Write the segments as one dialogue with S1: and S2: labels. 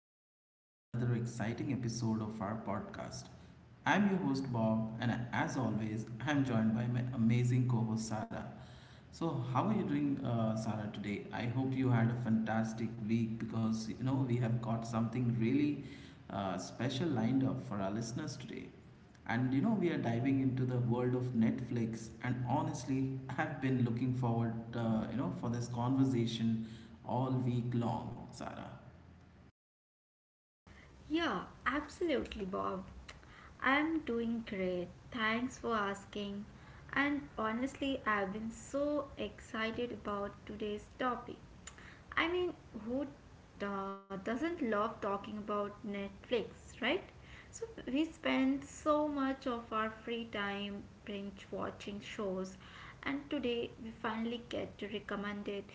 S1: Welcome back to another exciting episode of our podcast. I'm your host, Bob, and as always, I'm joined by my amazing co host, Sarah. So, how are you doing, Sarah, today? I hope you had a fantastic week because we have got something really special lined up for our listeners today. And you know, we are diving into the world of Netflix, and honestly, I've been looking forward, for this conversation all week long, Sarah.
S2: Yeah, absolutely, Bob. I'm doing great. Thanks for asking. And honestly, I've been so excited about today's topic. I mean, who doesn't love talking about Netflix, right? So we spend so much of our free time binge watching shows, and today we finally get to recommend it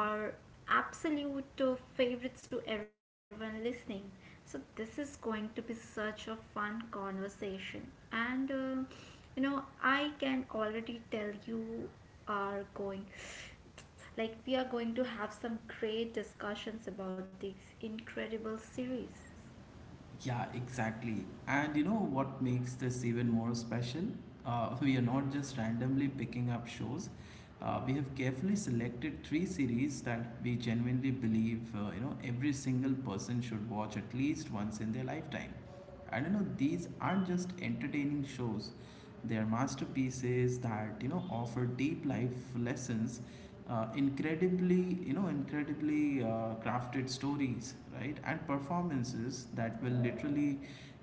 S2: our absolute favorites to everyone listening. So this is going to be such a fun conversation, and you know I can already tell you are going like we are going to have some great discussions about this incredible series.
S1: Yeah, exactly. And you know what makes this even more special? We are not just randomly picking up shows. We have carefully selected three series that we genuinely believe every single person should watch at least once in their lifetime. I don't know, these aren't just entertaining shows. They're masterpieces that, you know, offer deep life lessons, incredibly crafted stories, right? And performances that will literally,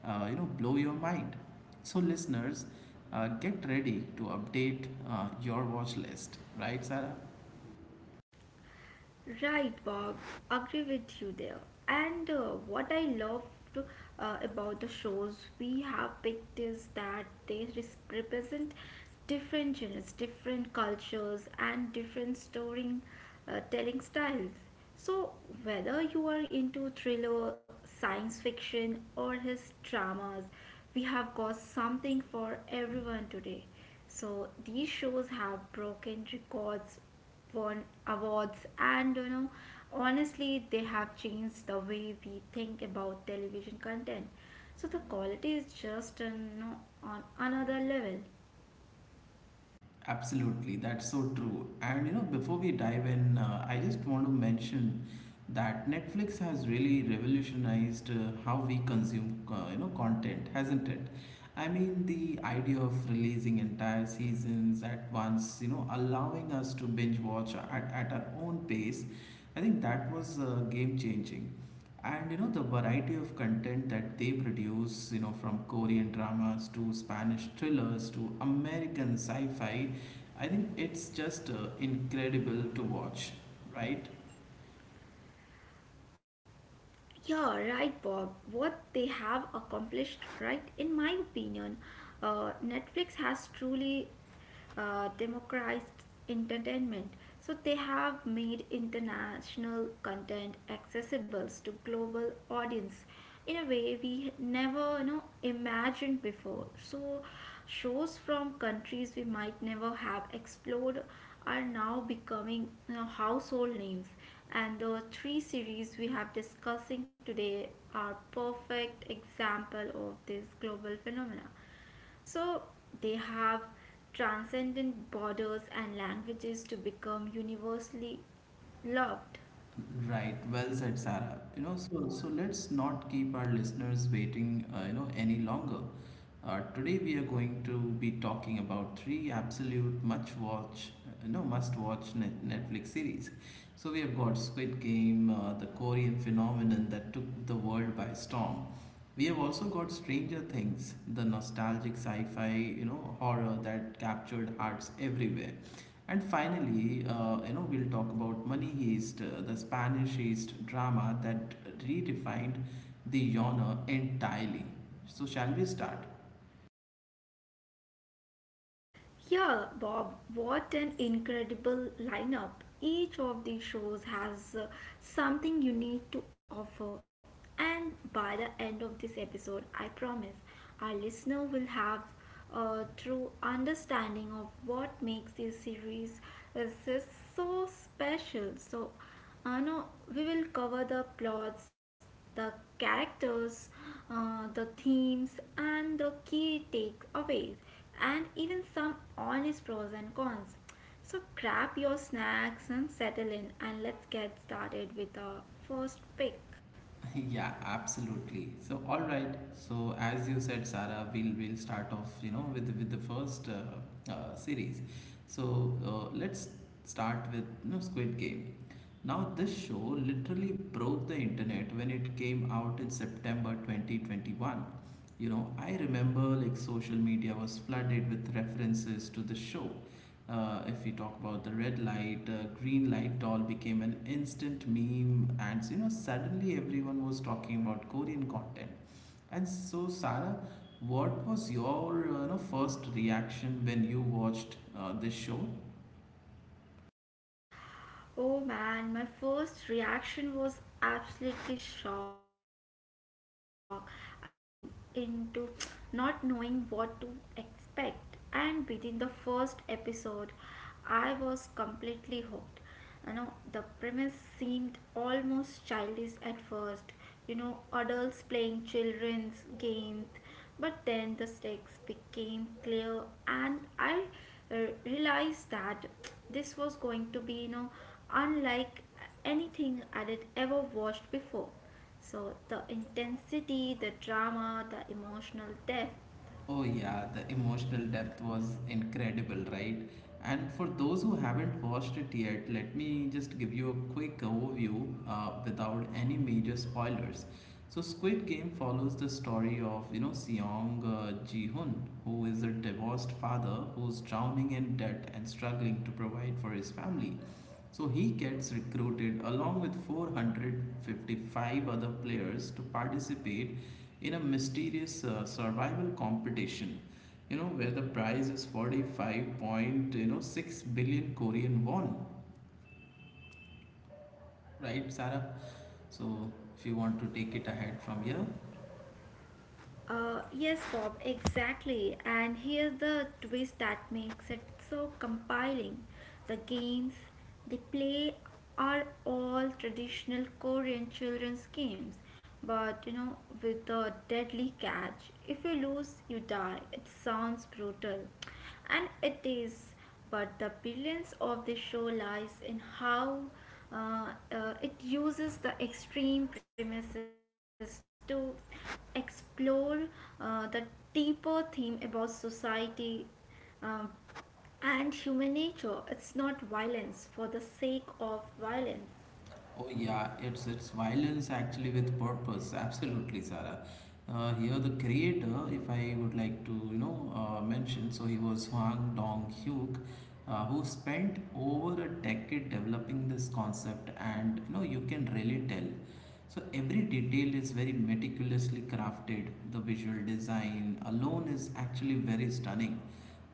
S1: blow your mind. So, listeners, get ready to update your watch list, right, Sarah?
S2: Right, Bob. Agree with you there. And what I loved about the shows we have picked is that represent different genres, different cultures, and different storytelling telling styles. So, whether you are into thriller, science fiction, or his dramas, we have got something for everyone today. So, these shows have broken records won awards, and you know, honestly they have changed the way we think about television content. So the quality is just you know, on another level.
S1: Absolutely, that's so true. And you know, before we dive in, I just want to mention that Netflix has really revolutionized how we consume, content, hasn't it? I mean, the idea of releasing entire seasons at once, you know, allowing us to binge watch at our own pace, I think that was game changing. And you know, the variety of content that they produce, you know, from Korean dramas to Spanish thrillers to American sci fi, I think it's just incredible to watch, right?
S2: Yeah, right, Bob. What they have accomplished, right? In my opinion, Netflix has truly democratized entertainment. So they have made international content accessible to global audience in a way we never you know imagined before. So shows from countries we might never have explored are now becoming, you know, household names, and the three series we have discussing today are perfect example of this global phenomena. So they have transcended borders and languages to become universally loved.
S1: Right. Well said, Sarah. You know, so let's not keep our listeners waiting, any longer. Today we are going to be talking about three absolute much watch, no must watch Netflix series. So we have got Squid Game, the Korean phenomenon that took the world by storm. We have also got Stranger Things, the nostalgic sci-fi, you know, horror that captured hearts everywhere. And finally, we'll talk about Money Heist, the Spanish Heist drama that redefined the genre entirely. So, shall we start?
S2: Yeah, Bob, what an incredible lineup. Each of these shows has something unique to offer. And by the end of this episode, I promise our listener will have a true understanding of what makes this series uh, s- so special. So, I know we will cover the plots, the characters, the themes, and the key takeaways and even some honest pros and cons. So grab your snacks and settle in and let's get started with our first pick.
S1: Yeah, absolutely. So, all right. So, as you said, Sarah, we'll start off, you know, with the first series. So, let's start with, you know, Squid Game. Now, this show literally broke the internet when it came out in September 2021. You know, I remember like social media was flooded with references to the show. If we talk about the red light, green light doll became an instant meme, and you know suddenly everyone was talking about Korean content. And so, Sarah, what was your first reaction when you watched this show?
S2: Oh man, my first reaction was absolutely shock. I went into Squid Game into not knowing what to expect, and within the first episode, I was completely hooked. You know, the premise seemed almost childish at first. You know, adults playing children's games, but then the stakes became clear, and I realized that this was going to be, you know, unlike anything I had ever watched before. So the intensity, the drama, the emotional depth.
S1: Oh yeah, the emotional depth was incredible, right? And for those who haven't watched it yet, let me just give you a quick overview without any major spoilers. So Squid Game follows the story of you know Seong Ji-hun, who is a divorced father who's drowning in debt and struggling to provide for his family. So he gets recruited along with 455 other players to participate in a mysterious survival competition. You know where the prize is 45, you know, 6 billion Korean won, right, Sarah? So if you want to take it ahead from here.
S2: Yes, Bob, exactly. And here's the twist that makes it so compelling. The games they play are all traditional Korean children's games, but you know, with the deadly catch. If you lose, you die. It sounds brutal and it is, but the brilliance of the show lies in how it uses the extreme premises to explore the deeper theme about society, um, and human nature. It's not violence for the sake of violence.
S1: Oh yeah, it's violence actually with purpose. Absolutely, Sarah. Here the creator, if I would like to mention, so he was Hwang Dong-hyuk, who spent over a decade developing this concept, and you know you can really tell. So every detail is very meticulously crafted. The visual design alone is actually very stunning.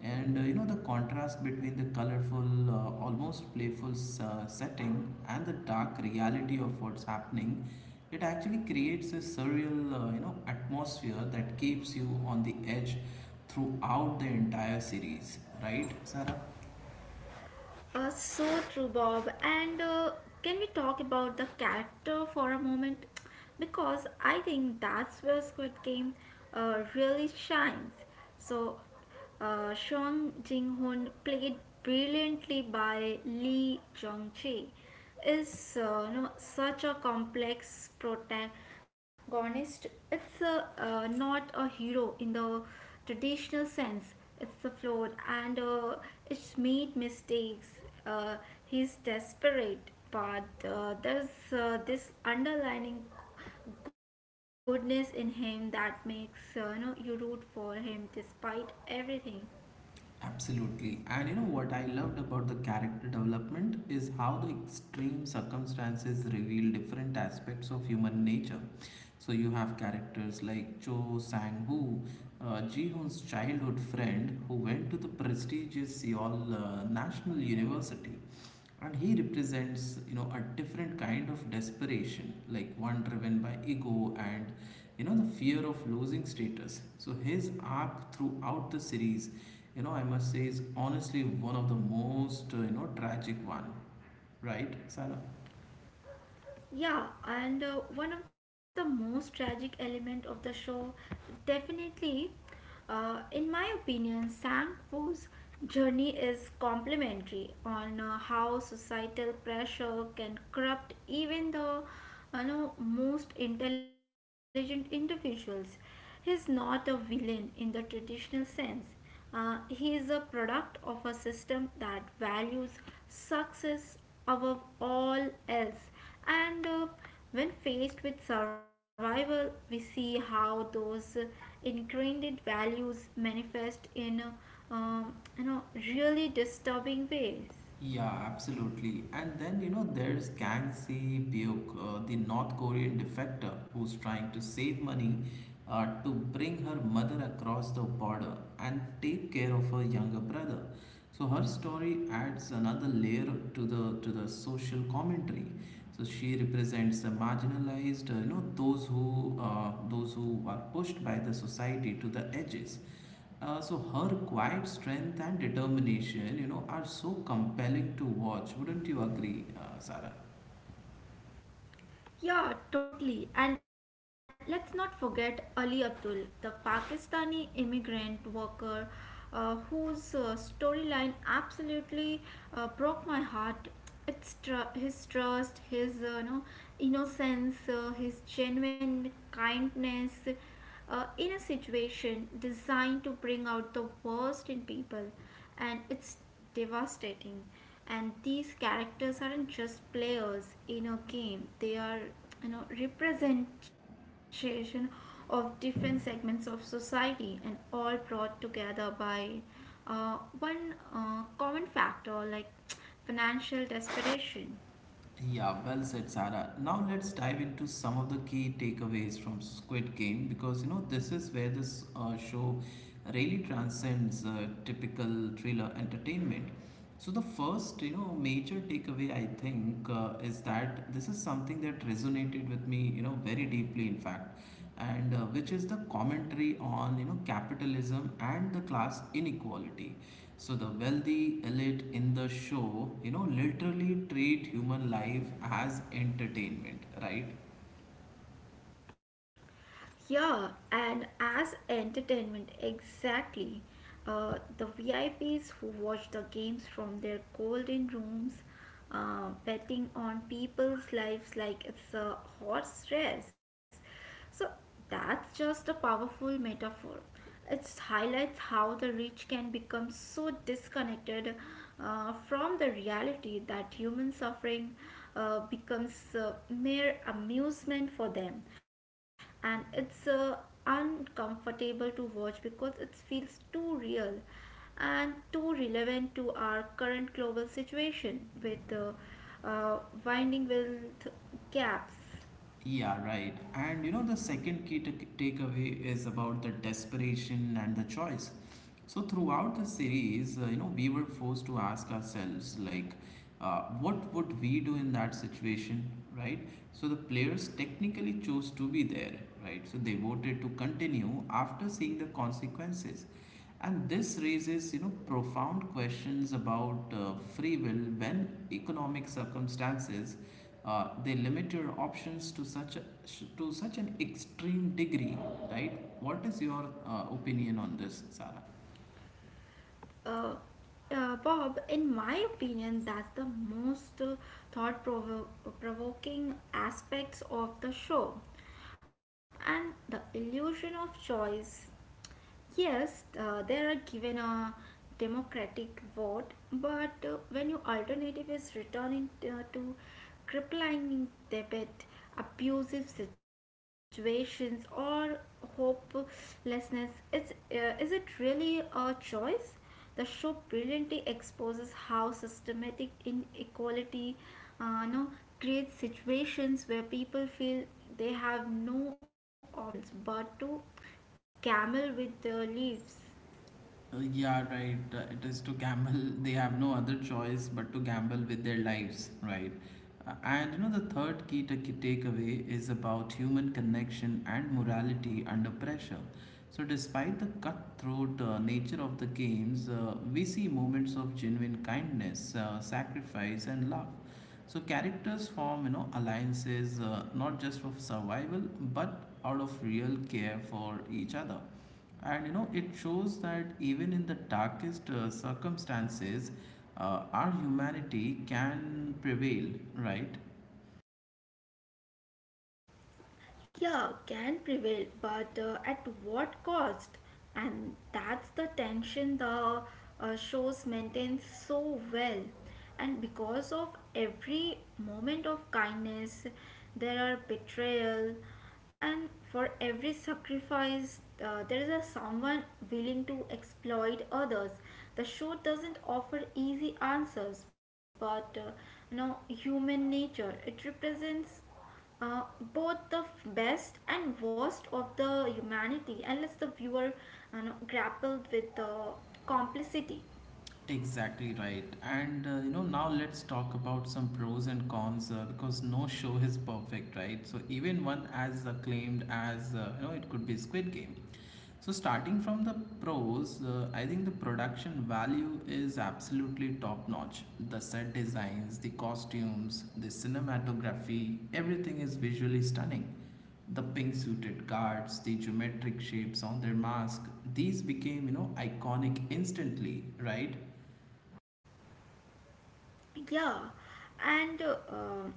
S1: And the contrast between the colorful, almost playful setting and the dark reality of what's happening, it actually creates a surreal, atmosphere that keeps you on the edge throughout the entire series, right, Sarah?
S2: So true, Bob. And can we talk about the character for a moment? Because I think that's where Squid Game really shines. So, Shang Jing Hoon, played brilliantly by Lee Jong Jae, is you know, such a complex protagonist. It's a, not a hero in the traditional sense. It's a flawed and it's made mistakes. Uh, he's desperate, but there's this underlining goodness in him that makes you know you root for him despite everything.
S1: Absolutely. And you know what I loved about the character development is how the extreme circumstances reveal different aspects of human nature. So you have characters like Cho Sang-woo, Ji-hoon's childhood friend who went to the prestigious Seoul National University, and he represents you know a different kind of desperation, like one driven by ego and you know the fear of losing status. So his arc throughout the series, you know, I must say is honestly one of the most tragic one, right, Sarah?
S2: Yeah, and one of the most tragic element of the show, definitely, in my opinion, Sang Woo's journey is complementary on how societal pressure can corrupt even the, you know, most intelligent individuals. He's not a villain in the traditional sense. He is a product of a system that values success above all else. And when faced with survival, we see how those ingrained values manifest in you know really disturbing ways.
S1: Yeah, absolutely. And then, you know, there's Kang Si Byuk, the North Korean defector who's trying to save money to bring her mother across the border and take care of her younger brother. So her story adds another layer to the social commentary. So she represents the marginalized, those who are pushed by the society to the edges. So her quiet strength and determination, you know, are so compelling to watch. Wouldn't you agree, Sarah?
S2: Yeah, totally. And let's not forget Ali Abdul, the Pakistani immigrant worker, whose storyline absolutely broke my heart. His trust, his you know, innocence, his genuine kindness in a situation designed to bring out the worst in people, and it's devastating. And these characters aren't just players in a game, they are, you know, representation of different segments of society and all brought together by uh, one common factor, like financial desperation.
S1: Yeah, well said, Sarah. Now let's dive into some of the key takeaways from Squid Game, because you know this is where this show really transcends typical thriller entertainment. So the first, you know, major takeaway I think is that this is something that resonated with me, you know, very deeply, in fact, and which is the commentary on you know capitalism and the class inequality. So the wealthy elite in the show, you know, literally treat human life as entertainment, right?
S2: Yeah, and as entertainment, exactly. The VIPs who watch the games from their golden rooms, betting on people's lives like it's a horse race. So that's just a powerful metaphor. It highlights how the rich can become so disconnected from the reality that human suffering becomes mere amusement for them, and it's uncomfortable to watch because it feels too real and too relevant to our current global situation with the uh, winding wealth gaps.
S1: Yeah, right. And you know, the second takeaway is about the desperation and the choice. So throughout the series, we were forced to ask ourselves, like, what would we do in that situation, right? So the players technically chose to be there, right? So they voted to continue after seeing the consequences. And this raises, you know, profound questions about free will when economic circumstances they limit your options to such an extreme degree, right? What is your opinion on this, Sarah?
S2: uh, Bob, in my opinion, that's the most thought provoking aspects of the show. And the illusion of choice. Yes, they are given a democratic vote, but when your alternative is to crippling debt, abusive situations, or hopelessness, is it really a choice? The show brilliantly exposes how systematic inequality, no, creates situations where people feel they have no options but to camel with the leaves.
S1: Yeah, right. It is to gamble. They have no other choice but to gamble with their lives, right? And you know, the third takeaway is about human connection and morality under pressure. So, despite the cutthroat nature of the games, we see moments of genuine kindness, sacrifice, and love. So, characters form, you know, alliances not just for survival but out of real care for each other, and you know it shows that even in the darkest circumstances our humanity can prevail, right?
S2: Yeah, can prevail, but at what cost? And that's the tension the shows maintains so well. And because of every moment of kindness, there are betrayal, and for every sacrifice, there is a someone willing to exploit others. The show doesn't offer easy answers, but you know, human nature. It represents uh, both the best and worst of the humanity and lets the viewer, you know, grapple with the complicity.
S1: Exactly right. And now let's talk about some pros and cons, because no show is perfect, right? So even one as acclaimed as it could be Squid Game. So starting from the pros, I think the production value is absolutely top notch. The set designs, the costumes, the cinematography, everything is visually stunning. The pink suited guards, the geometric shapes on their mask, these became, you know, iconic instantly, right?
S2: Yeah, and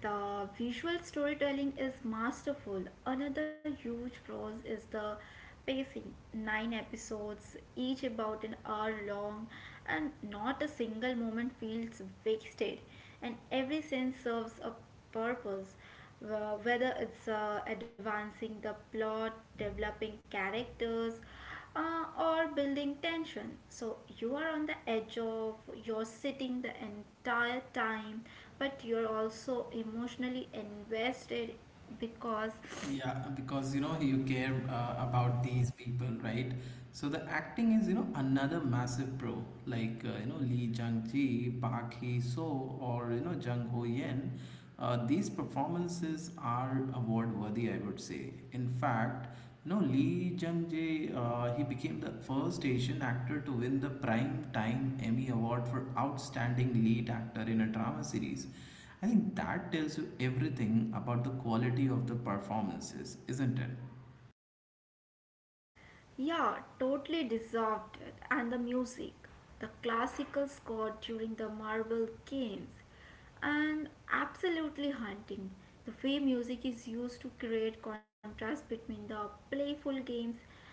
S2: the visual storytelling is masterful. Another huge pros is the pacing. Nine episodes, each about an hour long, and not a single moment feels wasted, and every scene serves a purpose. Whether it's advancing the plot, developing characters, or building tension. So you are on the edge of your sitting the entire time, but you're also emotionally invested because.
S1: Yeah, because you know you care about these people, right? So the acting is, you know, another massive pro, like you know Lee Jung Ji, Park Hee So, or you know Jung Ho Yen. These performances are award worthy, I would say. In fact, you know Lee Jung Ji, he became the first Asian actor to win the Prime Time Emmy Award for Outstanding Lead Actor in a Drama Series. I think that tells you everything about the quality of the performances, isn't it?
S2: Yeah, totally dissolved it. And the music, the classical score during the Marble Games, and absolutely haunting. The way music is used to create contrast between the playful games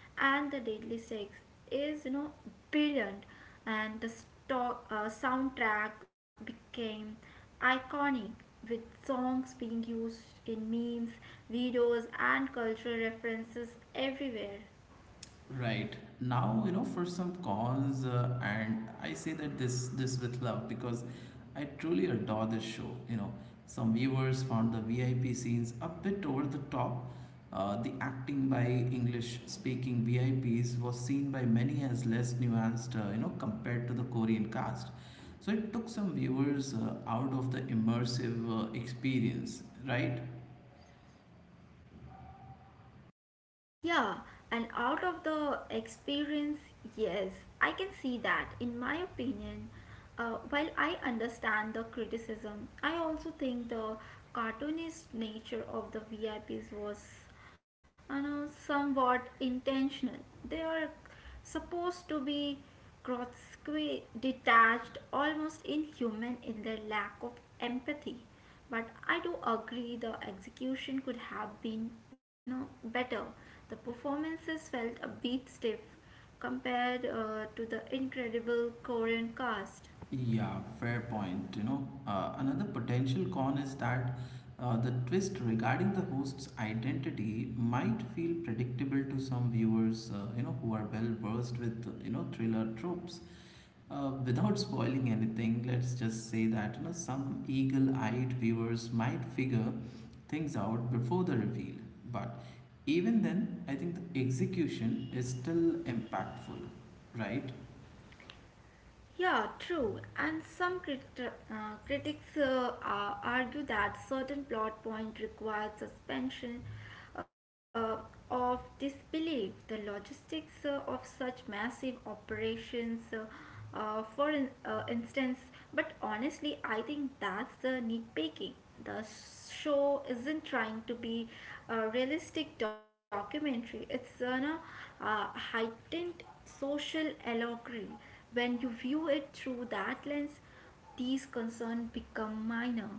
S2: and the deadly stakes is, you know, brilliant. And the soundtrack became iconic with songs being used in memes, videos, and cultural references everywhere.
S1: Right now, you know, for some cons, and I say that this with love, because I truly adore this show. You know, some viewers found the VIP scenes a bit over the top. The acting by English-speaking VIPs was seen by many as less nuanced, compared to the Korean cast. So it took some viewers out of the immersive experience, right?
S2: Yeah, and out of the experience, yes, I can see that. In my opinion, while I understand the criticism, I also think the cartoonist nature of the VIPs was, you know, somewhat intentional. They are supposed to be grotesquely detached, almost inhuman in their lack of empathy. But I do agree the execution could have been no better. The performances felt a bit stiff compared to the incredible Korean cast.
S1: Yeah, fair point. You know, another potential con is that the twist regarding the host's identity might feel predictable to some viewers, who are well versed with, you know, thriller tropes. Without spoiling anything, let's just say that, you know, some eagle-eyed viewers might figure things out before the reveal. But even then, I think the execution is still impactful, right?
S2: Yeah, true. And some critics argue that certain plot point requires suspension uh, of disbelief. The logistics of such massive operations, instance, but honestly, I think that's the nitpicking. The show isn't trying to be a realistic documentary. It's on a heightened social allegory. When you view it through that lens, these concerns become minor.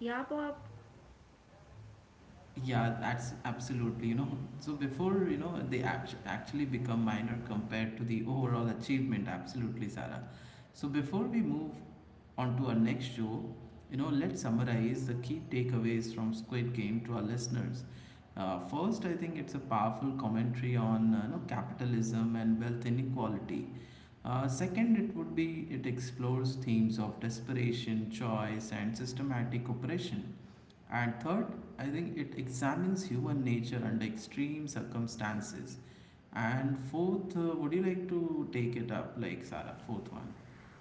S2: Yeah, Bob?
S1: Yeah, that's absolutely, you know. So before, you know, actually become minor compared to the overall achievement, absolutely, Sarah. So before we move on to our next show, you know, let's summarize the key takeaways from Squid Game to our listeners. First, I think it's a powerful commentary on, capitalism and wealth inequality. Second, it would be it explores themes of desperation, choice, and systematic oppression. And third, I think it examines human nature under extreme circumstances. And fourth, would you like to take it up, like Sarah? Fourth one.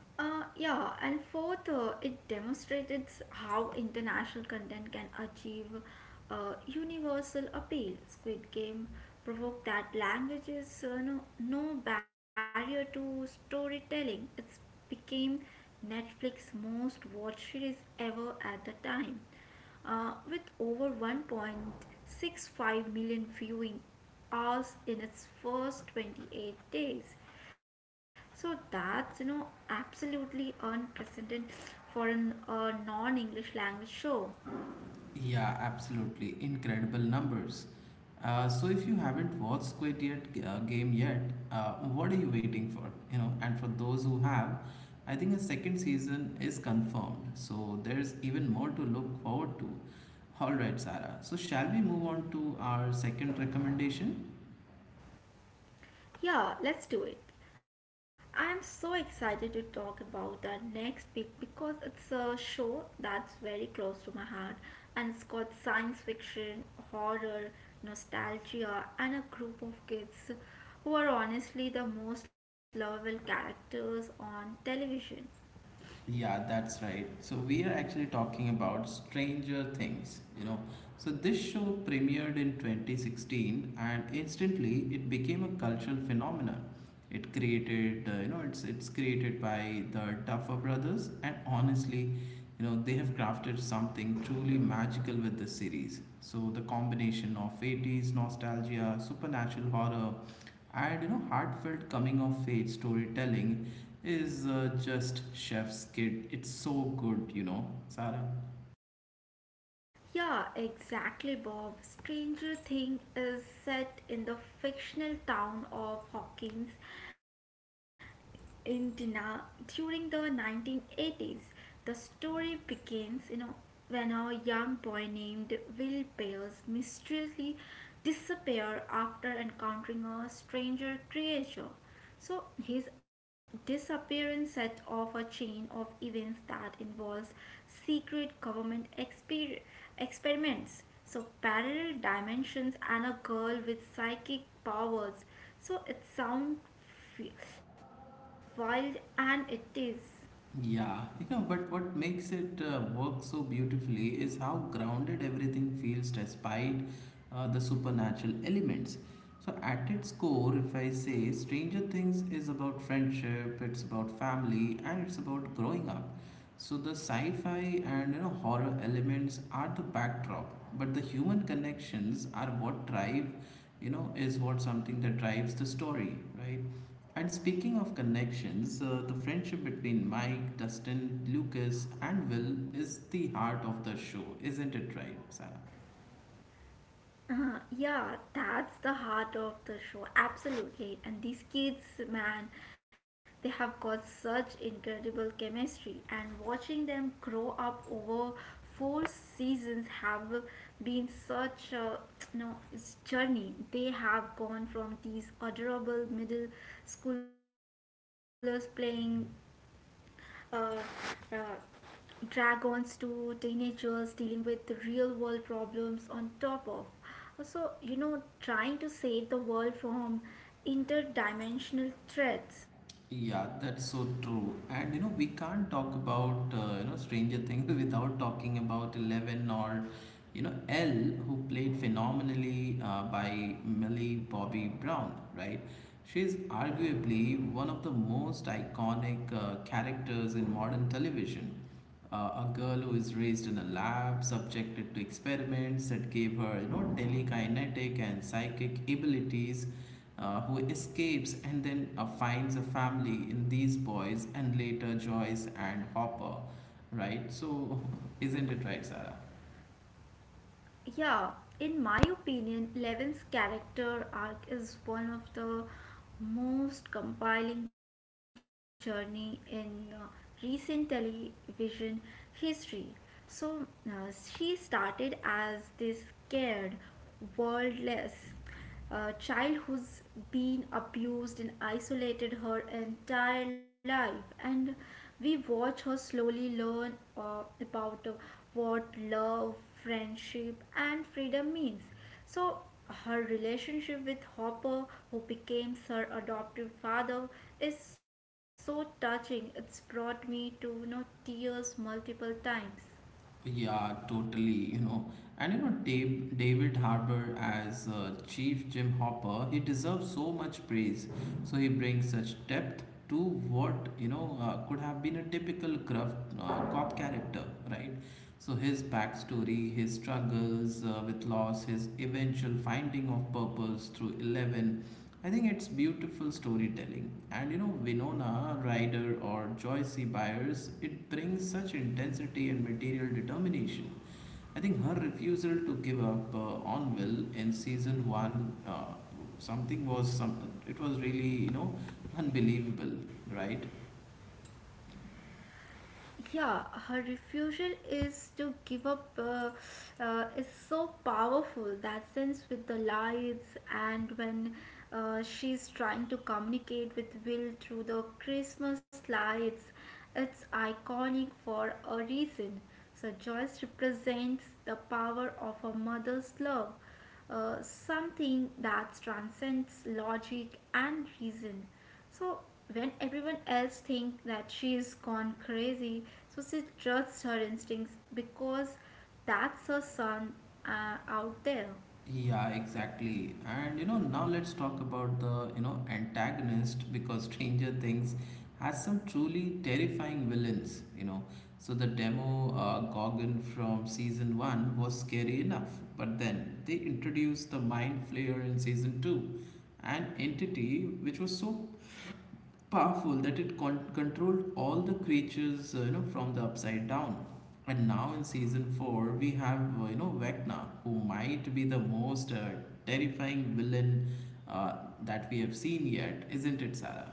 S2: Yeah, and fourth, it demonstrated how international content can achieve universal appeal. Squid Game provoked that language is no barrier to storytelling. It became Netflix's most watched series ever at the time, with over 1.65 million viewing hours in its first 28 days. So that's you know absolutely unprecedented for an non-English language show.
S1: Yeah, absolutely. Incredible numbers. So if you haven't watched Squid game yet, what are you waiting for? You know, and for those who have, I think a second season is confirmed. So there's even more to look forward to. All right, Sarah. So shall we move on to our second recommendation?
S2: Yeah, let's do it. I'm so excited to talk about the next pick because it's a show that's very close to my heart, and it's called science fiction, horror, nostalgia, and a group of kids who are honestly the most lovable characters on television.
S1: Yeah, that's right. So we are actually talking about Stranger Things, you know. So this show premiered in 2016 and instantly it became a cultural phenomenon. It created, you know, it's created by the Duffer brothers and honestly, you know, they have crafted something truly magical with this series. So the combination of 80's nostalgia, supernatural horror, and you know heartfelt coming of age storytelling is just chef's kid. It's so good, you know, Sarah.
S2: Yeah, exactly, Bob. Stranger Thing is set in the fictional town of Hawkins, Indiana during the 1980s. The story begins, you know, when a young boy named Will Byers mysteriously disappears after encountering a stranger creature. So his disappearance set off a chain of events that involves secret government experiments, so parallel dimensions and a girl with psychic powers. So it sounds wild and it is.
S1: Yeah, you know, but what makes it work so beautifully is how grounded everything feels despite the supernatural elements. So, at its core, if I say Stranger Things is about friendship, it's about family, and it's about growing up. So, the sci fi and you know, horror elements are the backdrop, but the human connections are what drive, you know, is what something that drives the story, right? And speaking of connections, the friendship between Mike, Dustin, Lucas, and Will is the heart of the show, isn't it right, Sarah?
S2: Yeah, that's the heart of the show, absolutely. And these kids, man, they have got such incredible chemistry, and watching them grow up over 4 seasons have been such a no it's journey. They have gone from these adorable middle schoolers playing uh, uh, dragons to teenagers dealing with real world problems on top of so you know trying to save the world from interdimensional threats.
S1: Yeah, that's so true. And you know, we can't talk about you know Stranger Things without talking about Eleven or you know L, who played phenomenally by Millie Bobby Brown, right? She is arguably one of the most iconic characters in modern television. A girl who is raised in a lab, subjected to experiments that gave her, you know, telekinetic and psychic abilities, who escapes and then finds a family in these boys and later Joyce and Hopper, right? So, isn't it right, Sarah?
S2: Yeah, in my opinion, levin's character arc is one of the most compelling journey in recent television history. So uh, she started as this scared worldless a child who's been abused and isolated her entire life, and we watch her slowly learn about what love, friendship and freedom means. So her relationship with hopper, who became her adoptive father, is so touching it's brought me to tears multiple times.
S1: Yeah, totally. You know, and you know, David Harbour as Chief Jim Hopper, he deserves so much praise. So he brings such depth to what you know could have been a typical gruff cop character, right? So his backstory, his struggles with loss, his eventual finding of purpose through Eleven, I think it's beautiful storytelling. And you know, Winona Ryder or Joyce C. Byers, it brings such intensity and material determination. I think her refusal to give up on Will in season one, something was some. It was really you know unbelievable, right?
S2: Yeah, her refusal is to give up is so powerful, that sense with the lights and when she's trying to communicate with will through the christmas lights. It's iconic for a reason. So joyce represents the power of a mother's love, something that transcends logic and reason. So when everyone else think that she is gone crazy, so she trusts her instincts because that's her son out there.
S1: Yeah, exactly. And you know, now let's talk about the, you know, antagonist because Stranger Things has some truly terrifying villains, you know. So the demo Gorgon from season 1 was scary enough, but then they introduced the Mind Flayer in season 2, an entity which was so powerful that it controlled all the creatures you know from the upside down, and now in season 4 we have you know vecna who might be the most terrifying villain uh, that we have seen yet, isn't it sarah.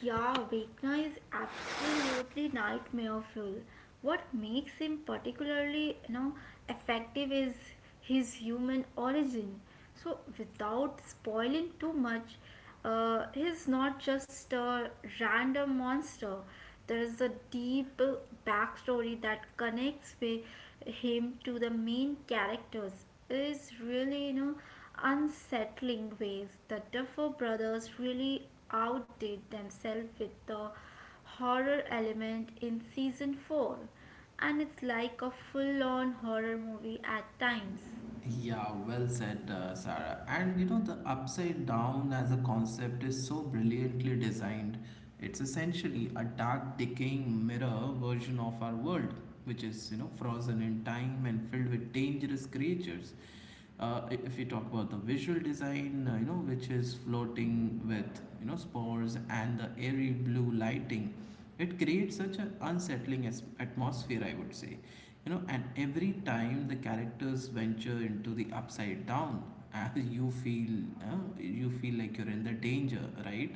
S2: Yeah, Vecna is absolutely nightmare fuel. What makes him particularly, you know, effective is his human origin. So, without spoiling too much, he's not just a random monster. There is a deep backstory that connects with him to the main characters. Is really, you know, unsettling ways. The Duffer brothers really outdid themselves with the horror element in season 4, and it's like a full on horror movie at times.
S1: Yeah, well said, Sarah. And you know, the upside down as a concept is so brilliantly designed. It's essentially a dark, decaying mirror version of our world, which is, you know, frozen in time and filled with dangerous creatures. If we talk about the visual design, you know, which is floating with you know spores and the airy blue lighting, it creates such an unsettling atmosphere, I would say. You know, and every time the characters venture into the upside down, uh, you feel uh, you feel like you're in the danger, right?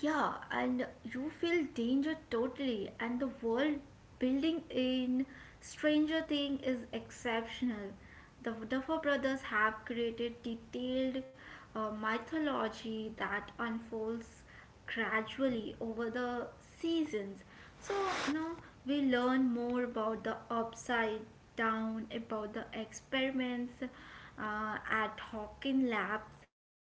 S2: Yeah, and you feel danger totally, and the world building in Stranger Thing is exceptional. The Duffer Brothers have created detailed mythology that unfolds gradually over the seasons. So now we learn more about the upside down, about the experiments at Hawking Labs,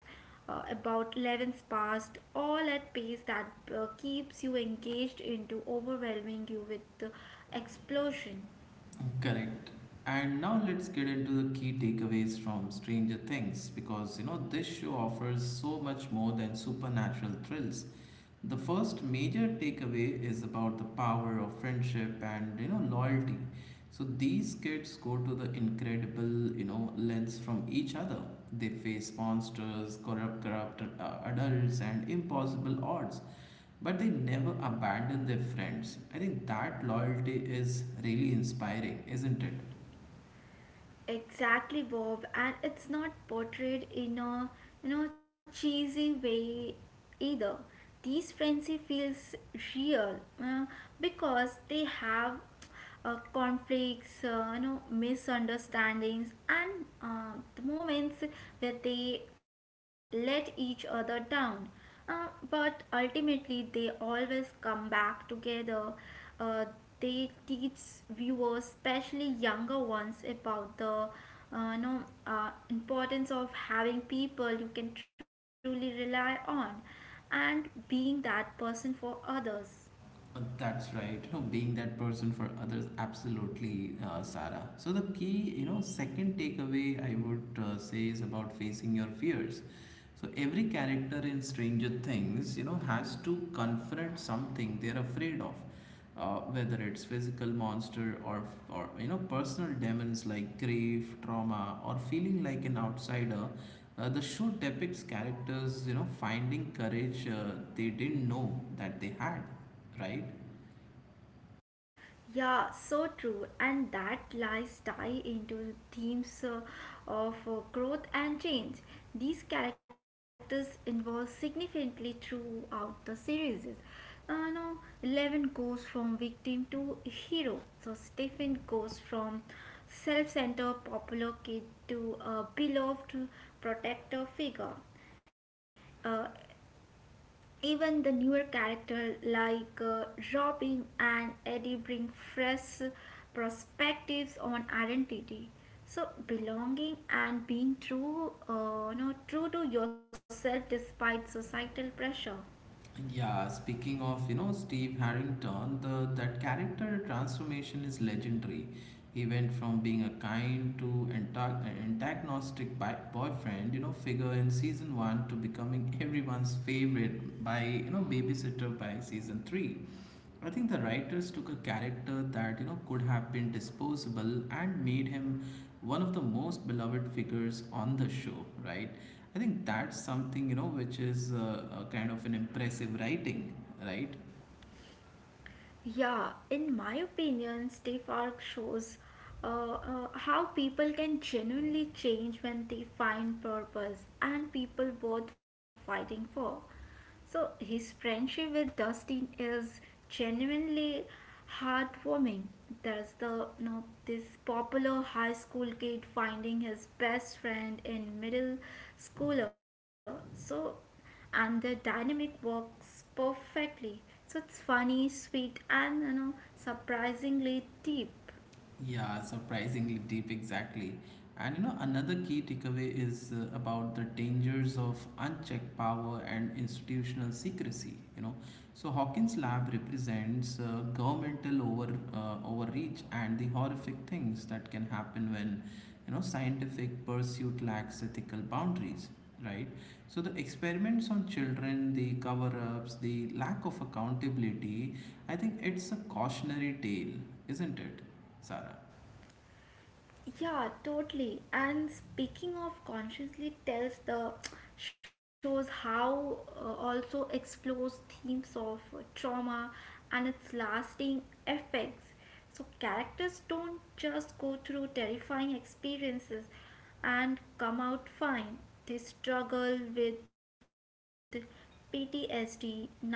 S2: about 11's past, all at pace that keeps you engaged into overwhelming you with the explosion.
S1: Correct. And now let's get into the key takeaways from Stranger Things because you know this show offers so much more than supernatural thrills. The first major takeaway is about the power of friendship and you know loyalty. So these kids go to the incredible you know lengths from each other. They face monsters, corrupt adults, and impossible odds, but they never abandon their friends. I think that loyalty is really inspiring, isn't it?
S2: Exactly, Bob, and it's not portrayed in a you know cheesy way either. These frenzy feels real because they have conflicts, you know, misunderstandings, and the moments where they let each other down. Uh, but ultimately, they always come back together. Uh, they teach viewers, especially younger ones, about the no, importance of having people you can truly rely on and being that person for others.
S1: That's right. You know, being that person for others, absolutely, Sarah. So the key, you know, second takeaway I would say is about facing your fears. So every character in Stranger Things, you know, has to confront something they're afraid of, whether it's physical monster or you know personal demons like grief, trauma, or feeling like an outsider. The show depicts characters, you know, finding courage they didn't know that they had, right?
S2: Yeah, so true. And that lies tie into themes of growth and change. These characters evolve significantly throughout the series. Now, 11 goes from victim to hero. So, Stephen goes from self centered popular kid to a beloved protector figure. Uh, Even the newer characters like Robin and Eddie bring fresh perspectives on identity. So belonging and being true, you know, true to yourself despite societal pressure.
S1: Yeah, speaking of, you know, Steve Harrington, the that character transformation is legendary. He went from being a kind to antagonistic boyfriend, you know, figure in season one to becoming everyone's favorite babysitter by season three. I think the writers took a character that you know could have been disposable and made him one of the most beloved figures on the show, right? I think that's something you know which is a kind of an impressive writing, right?
S2: Yeah, in my opinion, Steve Arc shows how people can genuinely change when they find purpose and people worth fighting for. So his friendship with Dustin is genuinely heartwarming. There's the you know, this popular high school kid finding his best friend in middle schooler. So and the dynamic works perfectly. So it's funny, sweet, and you know, surprisingly deep.
S1: Yeah, surprisingly deep, exactly. And you know, another key takeaway is about the dangers of unchecked power and institutional secrecy. You know, so Hawkins Lab represents governmental overreach and the horrific things that can happen when you know scientific pursuit lacks ethical boundaries. Right. So the experiments on children, the cover-ups, the lack of accountability. I think it's a cautionary tale, isn't it? Sarah.
S2: Yeah, totally. And speaking of consciously tells the shows how also explores themes of trauma and its lasting effects. So characters don't just go through terrifying experiences and come out fine. They struggle with PTSD, nightmares,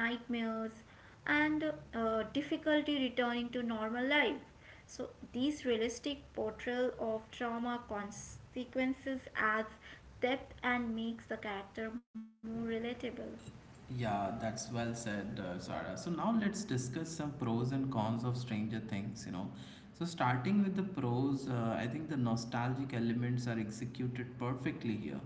S2: and difficulty returning to normal life. So, these realistic portrayal of trauma consequences adds depth and makes the character more relatable.
S1: Yeah, that's well said, Sarah. So now let's discuss some pros and cons of Stranger Things, you know. So starting with the pros, I think the nostalgic elements are executed perfectly here.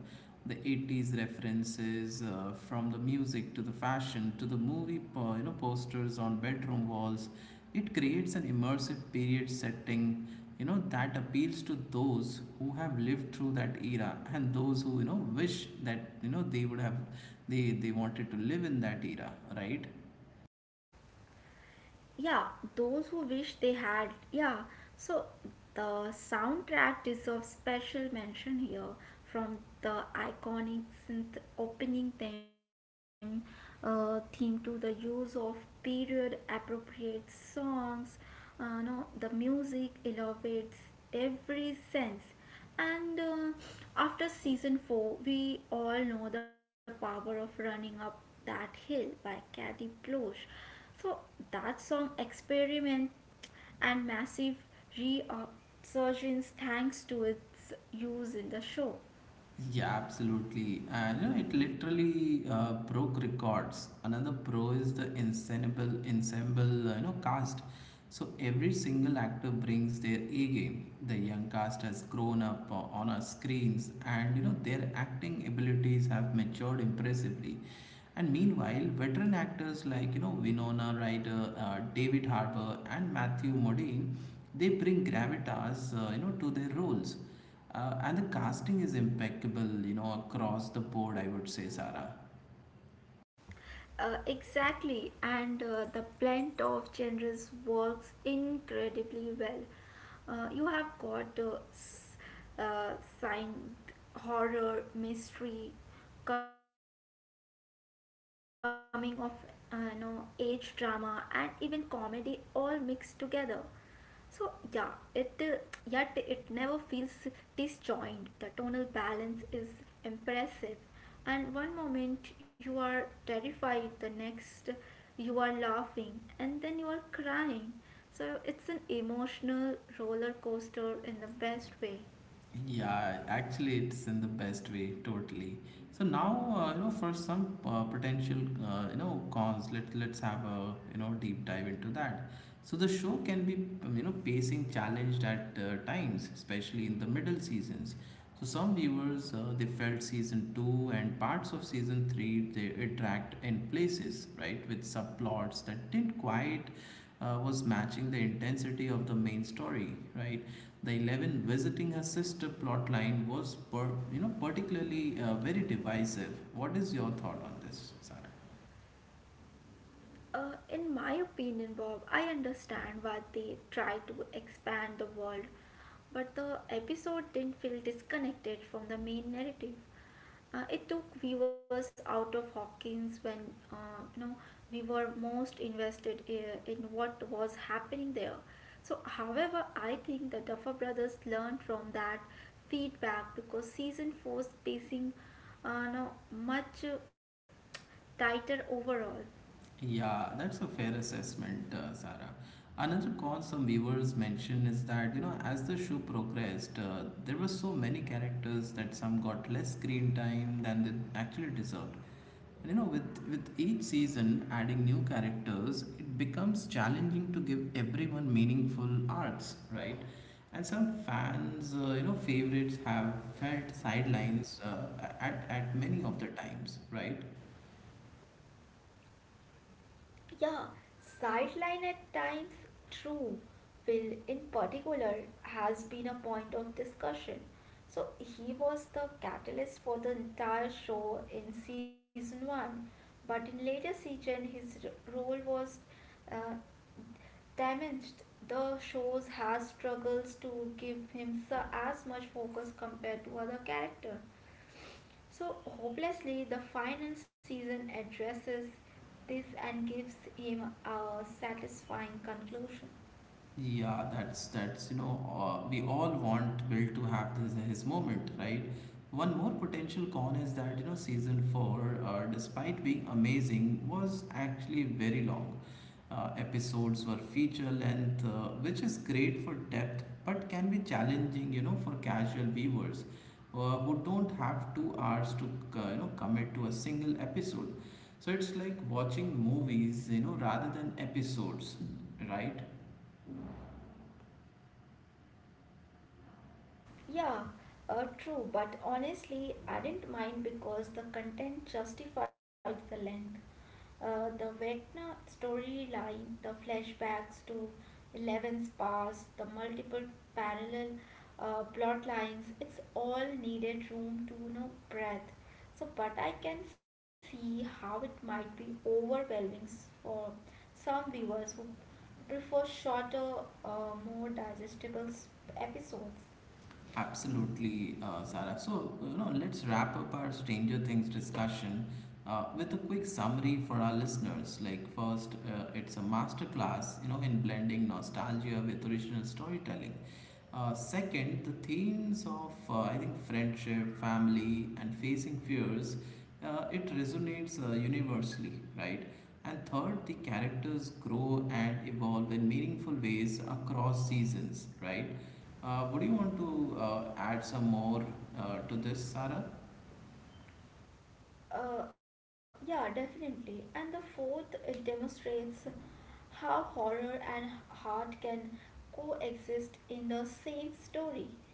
S1: The 80's references from the music to the fashion to the movie, you know, posters on bedroom walls. It creates an immersive period setting, you know, that appeals to those who have lived through that era and those who, you know, wish that, you know, they would have they wanted to live in that era, right?
S2: Yeah, those who wish they had. Yeah, so the soundtrack is of special mention here from the iconic synth opening theme, theme to the use of period appropriate songs. No, the music elevates every sense. And after season 4, we all know the power of running up that hill by Katy Klosch. So that song experiment and massive resurgence thanks to its use in the show.
S1: Yeah, absolutely. And you know, it literally broke records. Another pro is the ensemble, you know, cast. So every single actor brings their A game. The young cast has grown up on our screens, and you know their acting abilities have matured impressively. And meanwhile, veteran actors like you know Winona Ryder, David Harbour, and Matthew Modine, they bring gravitas, you know, to their roles and the casting is impeccable, you know, across the board, I would say, Sarah.
S2: Exactly, and the blend of genres works incredibly well. You have got uh, science, horror, mystery, coming of you know, age drama, and even comedy all mixed together. So yeah, it yet it never feels disjointed. The tonal balance is impressive. And one moment you are terrified, the next you are laughing, and then you are crying. So it's an emotional roller coaster in the best way.
S1: Yeah, actually, it's in the best way, totally. So now, you know, for some potential, you know, cons, let's have a you know deep dive into that. So the show can be you know pacing challenged at times, especially in the middle seasons. So some viewers they felt season two and parts of season three they it dragged in places, right, with subplots that didn't quite was matching the intensity of the main story, right? The 11 visiting her sister plotline was you know particularly very divisive. What is your thought on this, Sarah?
S2: In my opinion, Bob, I understand why they try to expand the world, but the episode didn't feel disconnected from the main narrative. It took viewers out of Hawkins when you know we were most invested in what was happening there. So, however, I think the Duffer Brothers learned from that feedback because season four's pacing, no, much tighter overall.
S1: Yeah, that's a fair assessment, Sarah. Another cause some viewers mentioned is that you know as the show progressed, there were so many characters that some got less screen time than they actually deserved. And you know, with each season adding new characters, it becomes challenging to give everyone meaningful arcs, right? And some fans, you know, favorites have felt sidelines at many of the times, right?
S2: Yeah, sideline at times, true. Will in particular has been a point of discussion. So he was the catalyst for the entire show in season 1, but in later season his role was uh, damaged. The shows has struggles to give him as much focus compared to other character. So, hopelessly, the final season addresses this and gives him a satisfying conclusion.
S1: Yeah, that's you know we all want Will to have this his moment, right? One more potential con is that you know season four, despite being amazing, was actually very long. Episodes were feature length, which is great for depth, but can be challenging, you know, for casual viewers who don't have 2 hours to you know commit to a single episode. So it's like watching movies, you know, rather than episodes, right?
S2: Yeah, true, but honestly, I didn't mind because the content justified the length. The Vecna storyline, the flashbacks to 11's past, the multiple parallel plot lines, it's all needed room to you know breath. So, but I can see how it might be overwhelming for some viewers who prefer shorter, more digestible episodes.
S1: Absolutely, Sarah. So, you know, let's wrap up our Stranger Things discussion with a quick summary for our listeners. Like, first, it's a masterclass, you know, in blending nostalgia with original storytelling. Second, the themes of, I think, friendship, family, and facing fears, it resonates universally, right? And third, the characters grow and evolve in meaningful ways across seasons, right? Would you want to add some more to this, Sarah?
S2: Yeah, definitely. And the fourth, it demonstrates how horror and heart can coexist in the same story.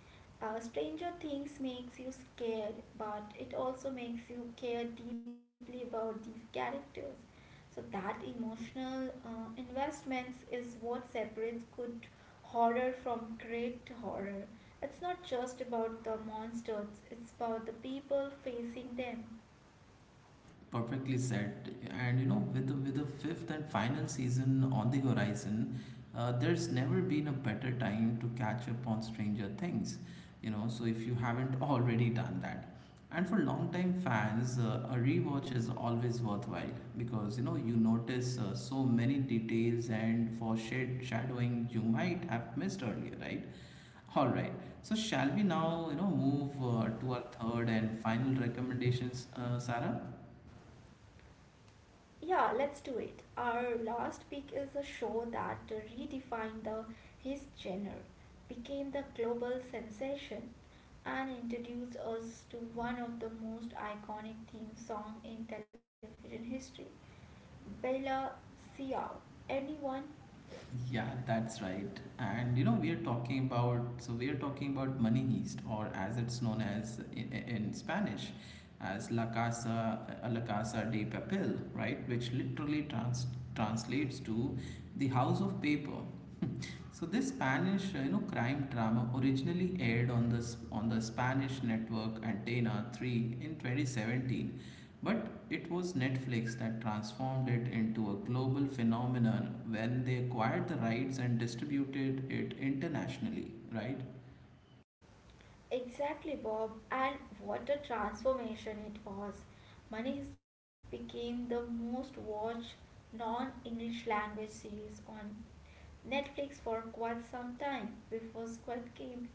S2: Stranger Things makes you scared, but it also makes you care deeply about these characters. So that emotional investments is what separates good horror from great horror. It's not just about the monsters; it's about the people facing them.
S1: Perfectly said. And you know, with the fifth and final season on the horizon, there's never been a better time to catch up on Stranger Things. You know, so if you haven't already done that, and for long-time fans, a rewatch is always worthwhile because you know you notice so many details and for shade shadowing you might have missed earlier, right? All right. So shall we now, you know, move to our third and final recommendations, Sarah?
S2: Yeah, let's do it. Our last pick is a show that redefined the his genre, became the global sensation, and introduced us to one of the most iconic theme song in television history, Bella Ciao. Anyone?
S1: Yeah, that's right. And you know, we are talking about Money Heist, or as it's known as in Spanish, as La Casa de Papel, right? Which literally translates to the House of Paper. So this Spanish, you know, crime drama originally aired on on the Spanish network Antena 3 in 2017, but it was Netflix that transformed it into a global phenomenon when they acquired the rights and distributed it internationally, right?
S2: Exactly, Bob. And what a transformation it was. Money Heist became the most watched non-English language series on Netflix for quite some time before Squid Game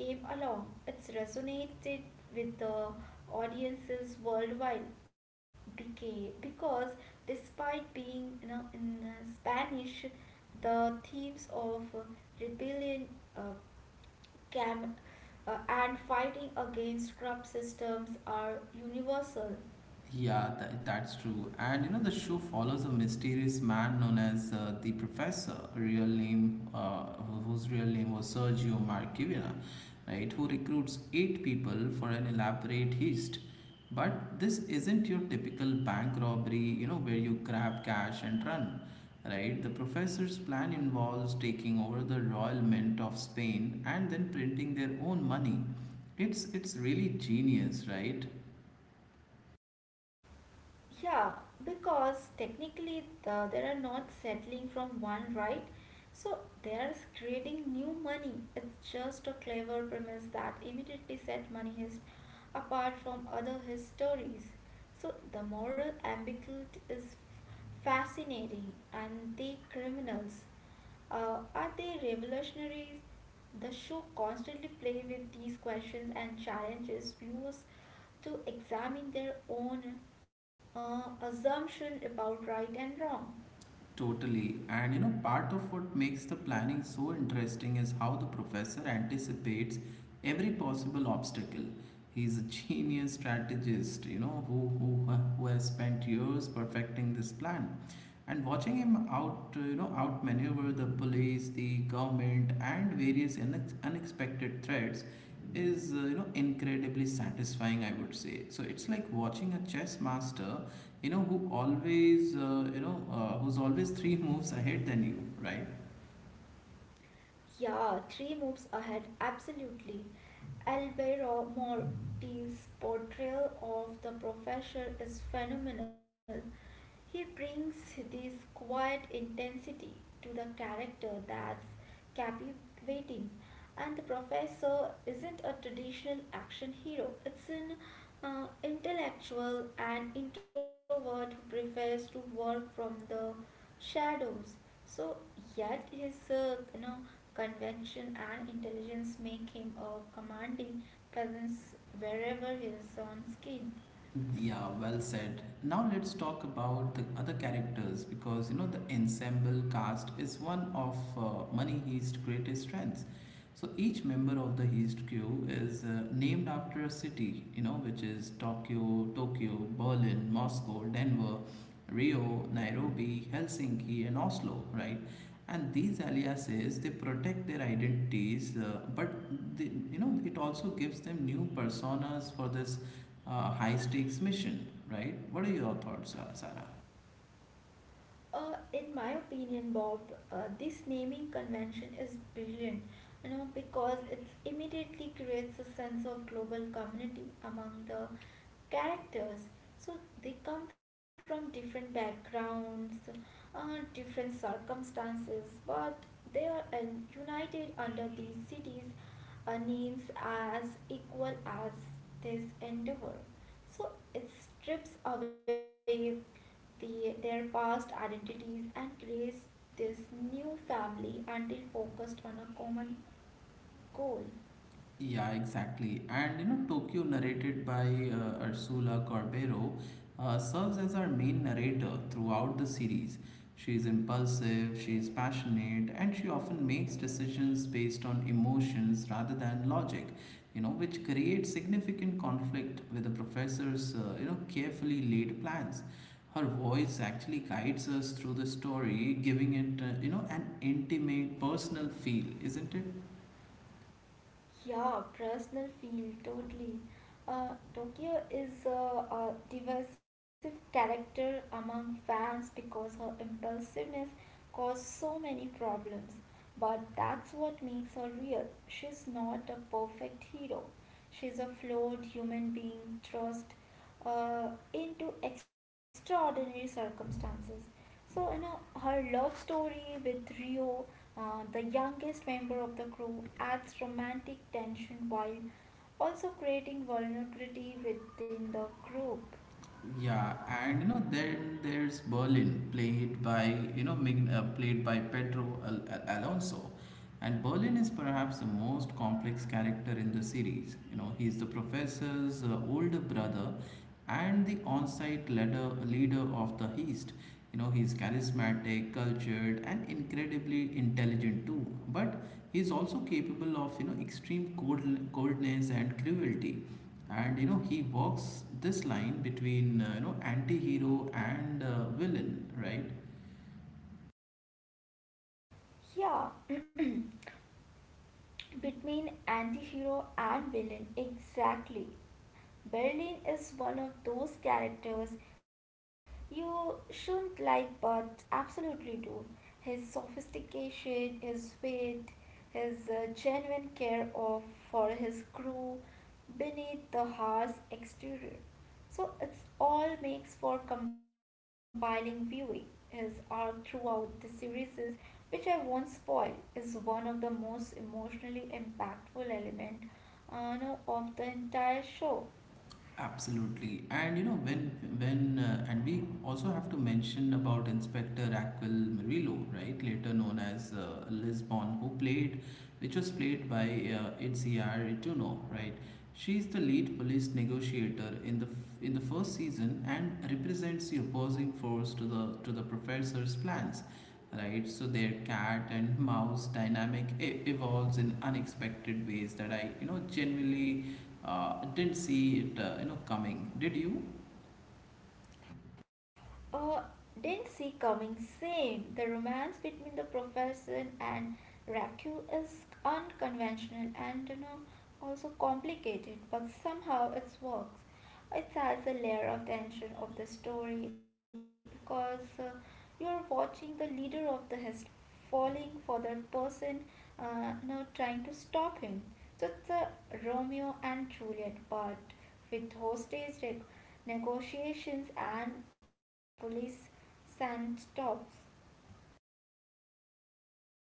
S2: came along. It's resonated with the audiences worldwide because despite being you know, in Spanish, the themes of rebellion, uh, cam- and fighting against corrupt systems are universal.
S1: Yeah, that's true. And you know, the show follows a mysterious man known as the Professor, real name, whose real name was Sergio Marchivina, right? Who recruits eight people for an elaborate heist. But this isn't your typical bank robbery, you know, where you grab cash and run, right? The professor's plan involves taking over the Royal Mint of Spain and then printing their own money. It's really genius, right?
S2: Yeah, because technically the, they are not settling from one right, so they are creating new money. It's just a clever premise that immediately set Money Heist apart from other his stories. So the moral ambiguity is fascinating, and the criminals, are they revolutionaries? The show constantly play with these questions and challenges viewers to examine their own assumption about right and wrong.
S1: Totally. And you know, part of what makes the planning so interesting is how the professor anticipates every possible obstacle. He's a genius strategist, you know, who has spent years perfecting this plan and watching him out, you know, outmaneuver the police, the government, and various unexpected threats is, you know, incredibly satisfying, I would say. So it's like watching a chess master, you know, who always, who's always three moves ahead than you, right?
S2: Yeah, three moves ahead, absolutely. Alberto Morti's portrayal of the professor is phenomenal. He brings this quiet intensity to the character that's captivating. And the professor isn't a traditional action hero, it's an intellectual and introvert who prefers to work from the shadows. So, yet his you know convention and intelligence make him a commanding presence wherever he is on screen.
S1: Yeah, well said. Now let's talk about the other characters, because you know the ensemble cast is one of Money Heist's greatest strengths. So each member of the Heist crew is named after a city, you know, which is Tokyo, Berlin, Moscow, Denver, Rio, Nairobi, Helsinki, and Oslo, right? And these aliases, they protect their identities, but they, you know, it also gives them new personas for this high stakes mission, right? What are your thoughts, Sarah?
S2: In my opinion, Bob, this naming convention is brilliant, you know, because it immediately creates a sense of global community among the characters. So they come from different backgrounds, different circumstances, but they are united under these cities names as equal as this endeavor. So it strips away the, their past identities and creates this new family until focused on a common goal.
S1: Yeah, exactly. And you know, Tokyo, narrated by Ursula Corbero, serves as our main narrator throughout the series. She is impulsive, she is passionate, and she often makes decisions based on emotions rather than logic, you know, which creates significant conflict with the professor's, you know, carefully laid plans. Her voice actually guides us through the story, giving it, you know, an intimate, personal feel, isn't it?
S2: Yeah, personal feel totally. Uh, Tokyo is a divisive character among fans because her impulsiveness caused so many problems. But that's what makes her real. She's not a perfect hero. She's a flawed human being thrust uh, into extraordinary circumstances. So, you know, her love story with Rio, the youngest member of the crew, adds romantic tension while also creating vulnerability within the group.
S1: Yeah, and you know, then there's Berlin, played by, you know, played by Pedro Alonso, and Berlin is perhaps the most complex character in the series. You know, he's the professor's older brother, and the on-site leader of the East. You know, he's charismatic, cultured, and incredibly intelligent too. But he's also capable of, you know, extreme coldness and cruelty, and you know he walks this line between, you know, anti-hero and villain, right?
S2: Yeah, between anti hero and villain, exactly. Berlin is one of those characters you shouldn't like but absolutely do. His sophistication, his wit, his genuine care of for his crew beneath the harsh exterior. So it's all makes for compelling viewing. His arc throughout the series is, which I won't spoil, is one of the most emotionally impactful element no, of the entire show.
S1: Absolutely. And you know, when and we also have to mention about inspector Aquil Murillo, right, later known as Lisbon, who played which was played by Itziar Ituno, right? She is the lead police negotiator in in the first season and represents the opposing force to the professor's plans, right? So their cat and mouse dynamic evolves in unexpected ways that I, you know, genuinely didn't see it you know coming. Did you?
S2: Uh, didn't see coming. Same. The romance between the professor and Raku is unconventional and you know also complicated, but somehow it works. It adds a layer of tension of the story because you're watching the leader of the hist falling for the person you know, trying to stop him. So it's a Romeo and Juliet, but with hostage negotiations and police standoffs.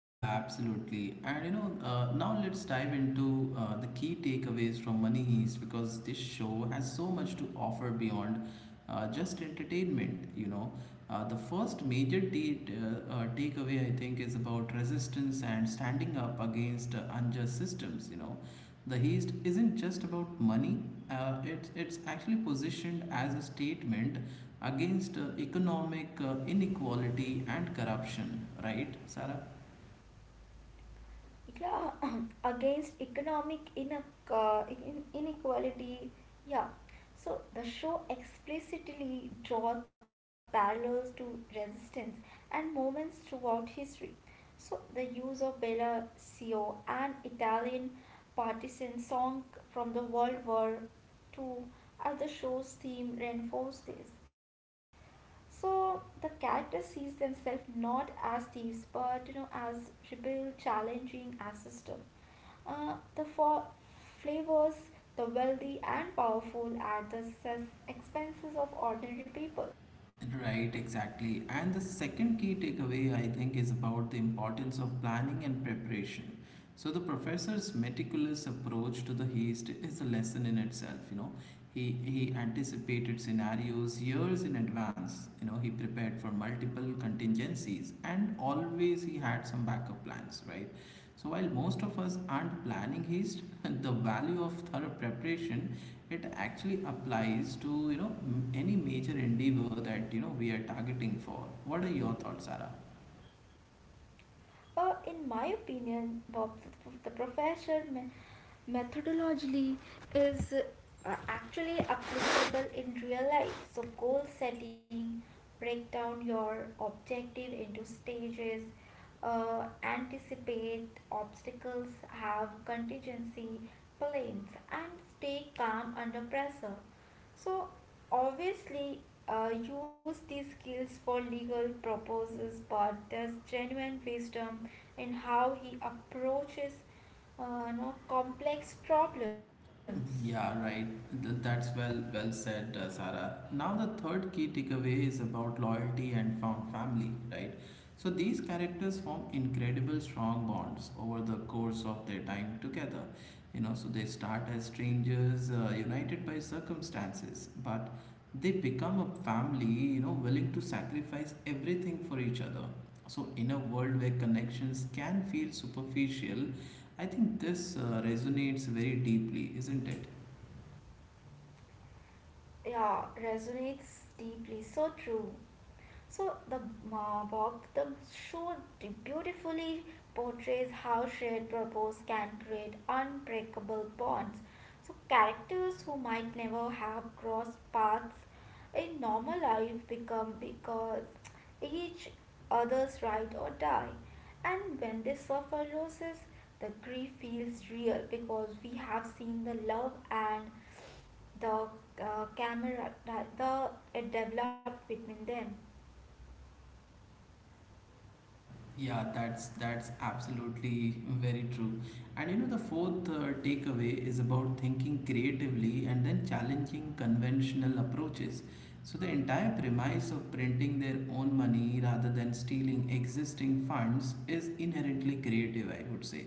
S1: Yeah, absolutely. And you know, now let's dive into the key takeaways from Money Heist, because this show has so much to offer beyond just entertainment. You know, the first major takeaway, I think, is about resistance and standing up against unjust systems. You know, the heist isn't just about money. It's actually positioned as a statement against economic inequality and corruption. Right, Sarah?
S2: Yeah, against economic inequality. Yeah, so the show explicitly draws parallels to resistance and movements throughout history. So the use of Bella Cio, an Italian partisan song from the World War II, as the show's theme reinforced this. So the character sees themselves not as thieves, but you know, as rebel, challenging as system. The four flavors, the wealthy and powerful, at the expenses of ordinary people.
S1: Right, exactly. And the second key takeaway, I think, is about the importance of planning and preparation. So, the professor's meticulous approach to the heist is a lesson in itself. You know, he anticipated scenarios years in advance. You know, he prepared for multiple contingencies and always he had some backup plans, right? So while most of us aren't planning heist, the value of thorough preparation, it actually applies to, you know, any major endeavor that, you know, we are targeting for. What are your thoughts, Sarah?
S2: In my opinion, Bob, the professor methodologically is actually applicable in real life. So, goal setting, break down your objective into stages, anticipate obstacles, have contingency plans, and stay calm under pressure. So obviously, use these skills for legal purposes, but there's genuine wisdom in how he approaches no complex problems.
S1: Yeah, right. That's well said, Sarah. Now the third key takeaway is about loyalty and found family, right? So these characters form incredible strong bonds over the course of their time together. You know, so they start as strangers, united by circumstances, but they become a family, you know, willing to sacrifice everything for each other. So in a world where connections can feel superficial, I think this resonates very deeply, isn't it?
S2: Yeah, resonates deeply. So true. So the Bob, the show beautifully portrays how shared purpose can create unbreakable bonds. So characters who might never have crossed paths in normal life become because each other's ride or die. And when they suffer losses, the grief feels real because we have seen the love and the camera the it developed between them.
S1: Yeah, that's absolutely very true. And you know, the fourth takeaway is about thinking creatively and then challenging conventional approaches. So the entire premise of printing their own money rather than stealing existing funds is inherently creative, I would say.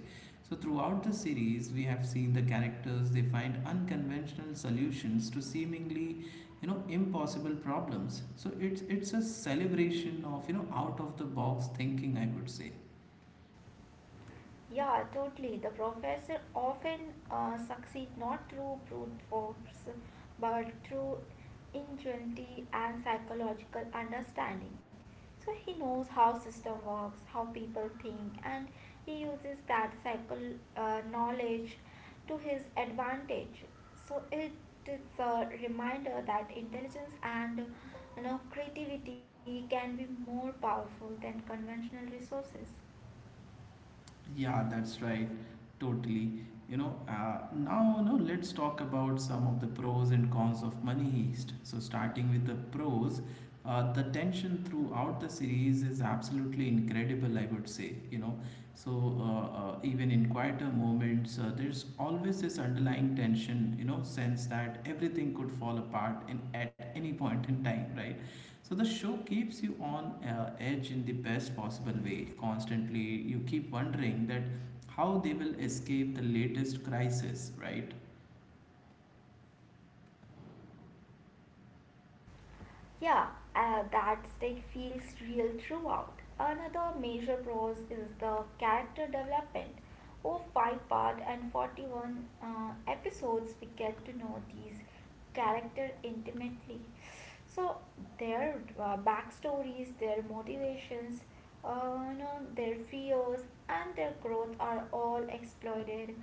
S1: So throughout the series, we have seen the characters, they find unconventional solutions to seemingly, you know, impossible problems. So it's a celebration of, you know, out of the box thinking, I would say.
S2: Yeah, totally. The professor often succeed not through brute force, but through ingenuity and psychological understanding. So he knows how system works, how people think, and he uses that psycho knowledge to his advantage. So it is a reminder that intelligence and you know creativity can be more powerful than conventional resources.
S1: Yeah, that's right. Totally. You know, now, you know, let's talk about some of the pros and cons of Money Heist. So, starting with the pros, the tension throughout the series is absolutely incredible, I would say. You know, so even in quieter moments, there's always this underlying tension, you know, sense that everything could fall apart at any point in time, right? So the show keeps you on edge in the best possible way. Constantly, you keep wondering that how they will escape the latest crisis, right?
S2: Yeah, that state feels real throughout. Another major pros is the character development. Over five part and 41 episodes, we get to know these character intimately. So their backstories, their motivations, you know, their fears, and their growth are all exploited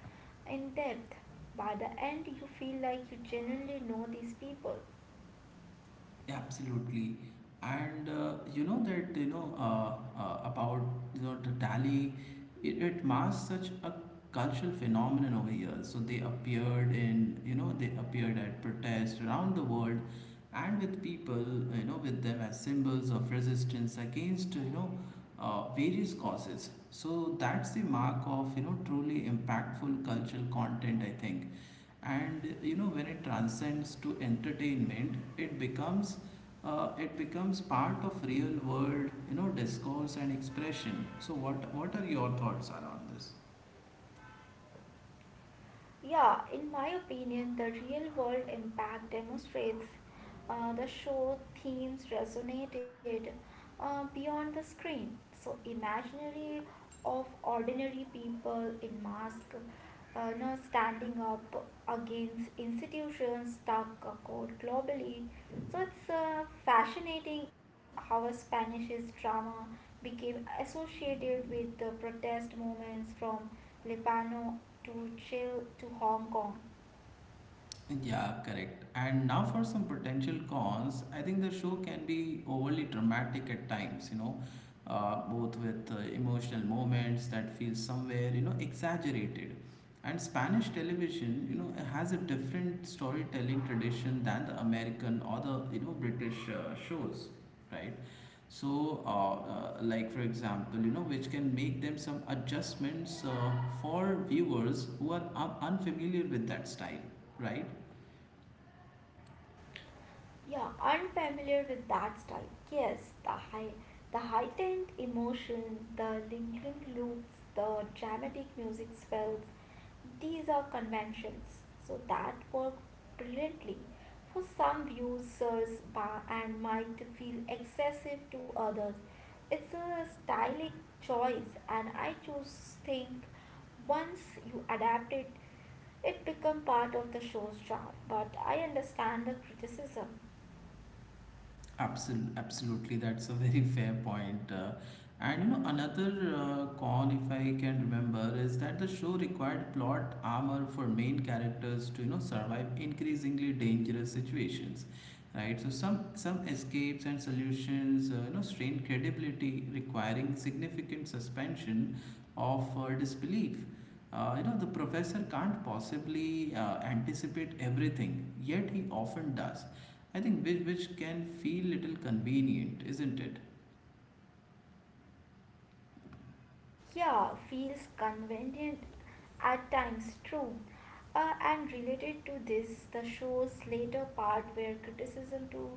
S2: in depth. By the end, you feel like you genuinely know these people.
S1: Absolutely, and you know that, about, you know, the tally, it masks such a cultural phenomenon over here. So they appeared in, they appeared at protests around the world, and with people, you know, with them as symbols of resistance against, you know, various causes. So that's the mark of, you know, truly impactful cultural content, I think, and you know when it transcends to entertainment it becomes part of real world, you know, discourse and expression. So what are your thoughts are on this?
S2: Yeah, in my opinion, the real world impact demonstrates the show themes resonated beyond the screen. So, imaginary of ordinary people in mask, no standing up against institutions stuck code globally. So, it's fascinating how a Spanish's drama became associated with the protest movements from Lebanon to chill to Hong Kong.
S1: Yeah, correct. And now for some potential cons, I think the show can be overly dramatic at times, you know, both with emotional moments that feel somewhere, you know, exaggerated. And Spanish television, you know, has a different storytelling tradition than the American or the, you know, British shows, right? So, like for example, you know, which can make them some adjustments for viewers who are unfamiliar with that style, right?
S2: Yeah, unfamiliar with that style. Yes, the high, the heightened emotion, the lingering loops, the dramatic music swells. These are conventions, so that work brilliantly. For some users and might feel excessive to others. It's a stylistic choice, and I choose think once you adapt it, it became part of the show's charm, but I understand the criticism.
S1: Absolutely, that's a very fair point. And you know, another con, if I can remember, is that the show required plot armor for main characters to, you know, survive increasingly dangerous situations, right? So some escapes and solutions, you know, strain credibility, requiring significant suspension of disbelief. You know, the professor can't possibly anticipate everything, yet he often does. I think which can feel little convenient, isn't it?
S2: Yeah, feels convenient at times, true. And related to this, the show's later part where criticism to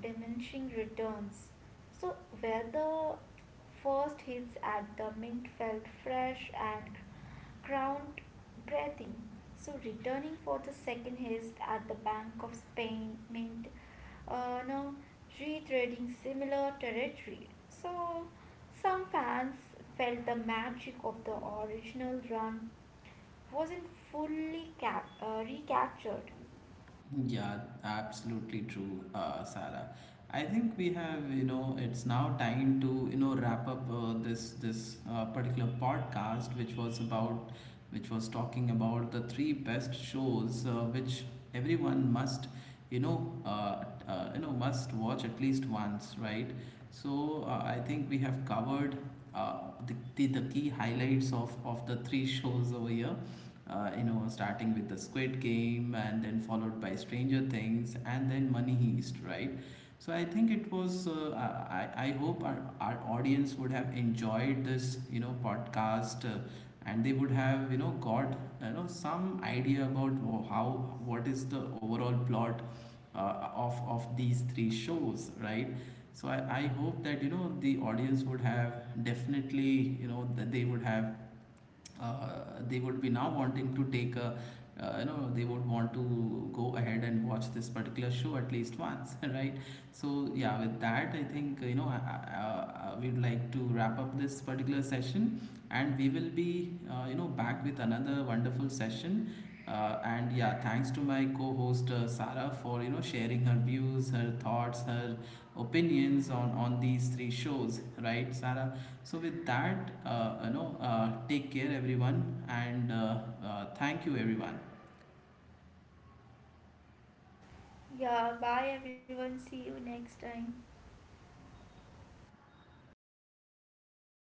S2: diminishing returns. So, where the first hits at the mint felt fresh and ground breathing. So, returning for the second hit at the Bank of Spain mint, now retracing similar territory. So, some fans felt the magic of the original run wasn't fully recaptured.
S1: Yeah, absolutely true, Sarah. I think we have, you know, it's now time to, you know, wrap up this particular podcast, which was which was talking about the three best shows which everyone must, you know, must watch at least once, right? So I think we have covered uh, the key highlights of the three shows over here. Uh, you know, starting with the Squid Game and then followed by Stranger Things and then Money Heist, right? So I think it was. I hope our audience would have enjoyed this, you know, podcast, and they would have, you know, got, you know, some idea about wh- how what is the overall plot uh, of these three shows, right? So I hope that you know the audience would have definitely, you know, that they would have uh, they would be now wanting to take a you know, they would want to go ahead and watch this particular show at least once. Right? So yeah, with that, I think, you know, we'd like to wrap up this particular session, and we will be, you know, back with another wonderful session, uh. And yeah, thanks to my co-host, Sarah, for, you know, sharing her views, her thoughts, her opinions on these three shows, right, Sara? So with that, you know, take care everyone, and thank you everyone.
S2: Yeah, bye everyone. See you next time.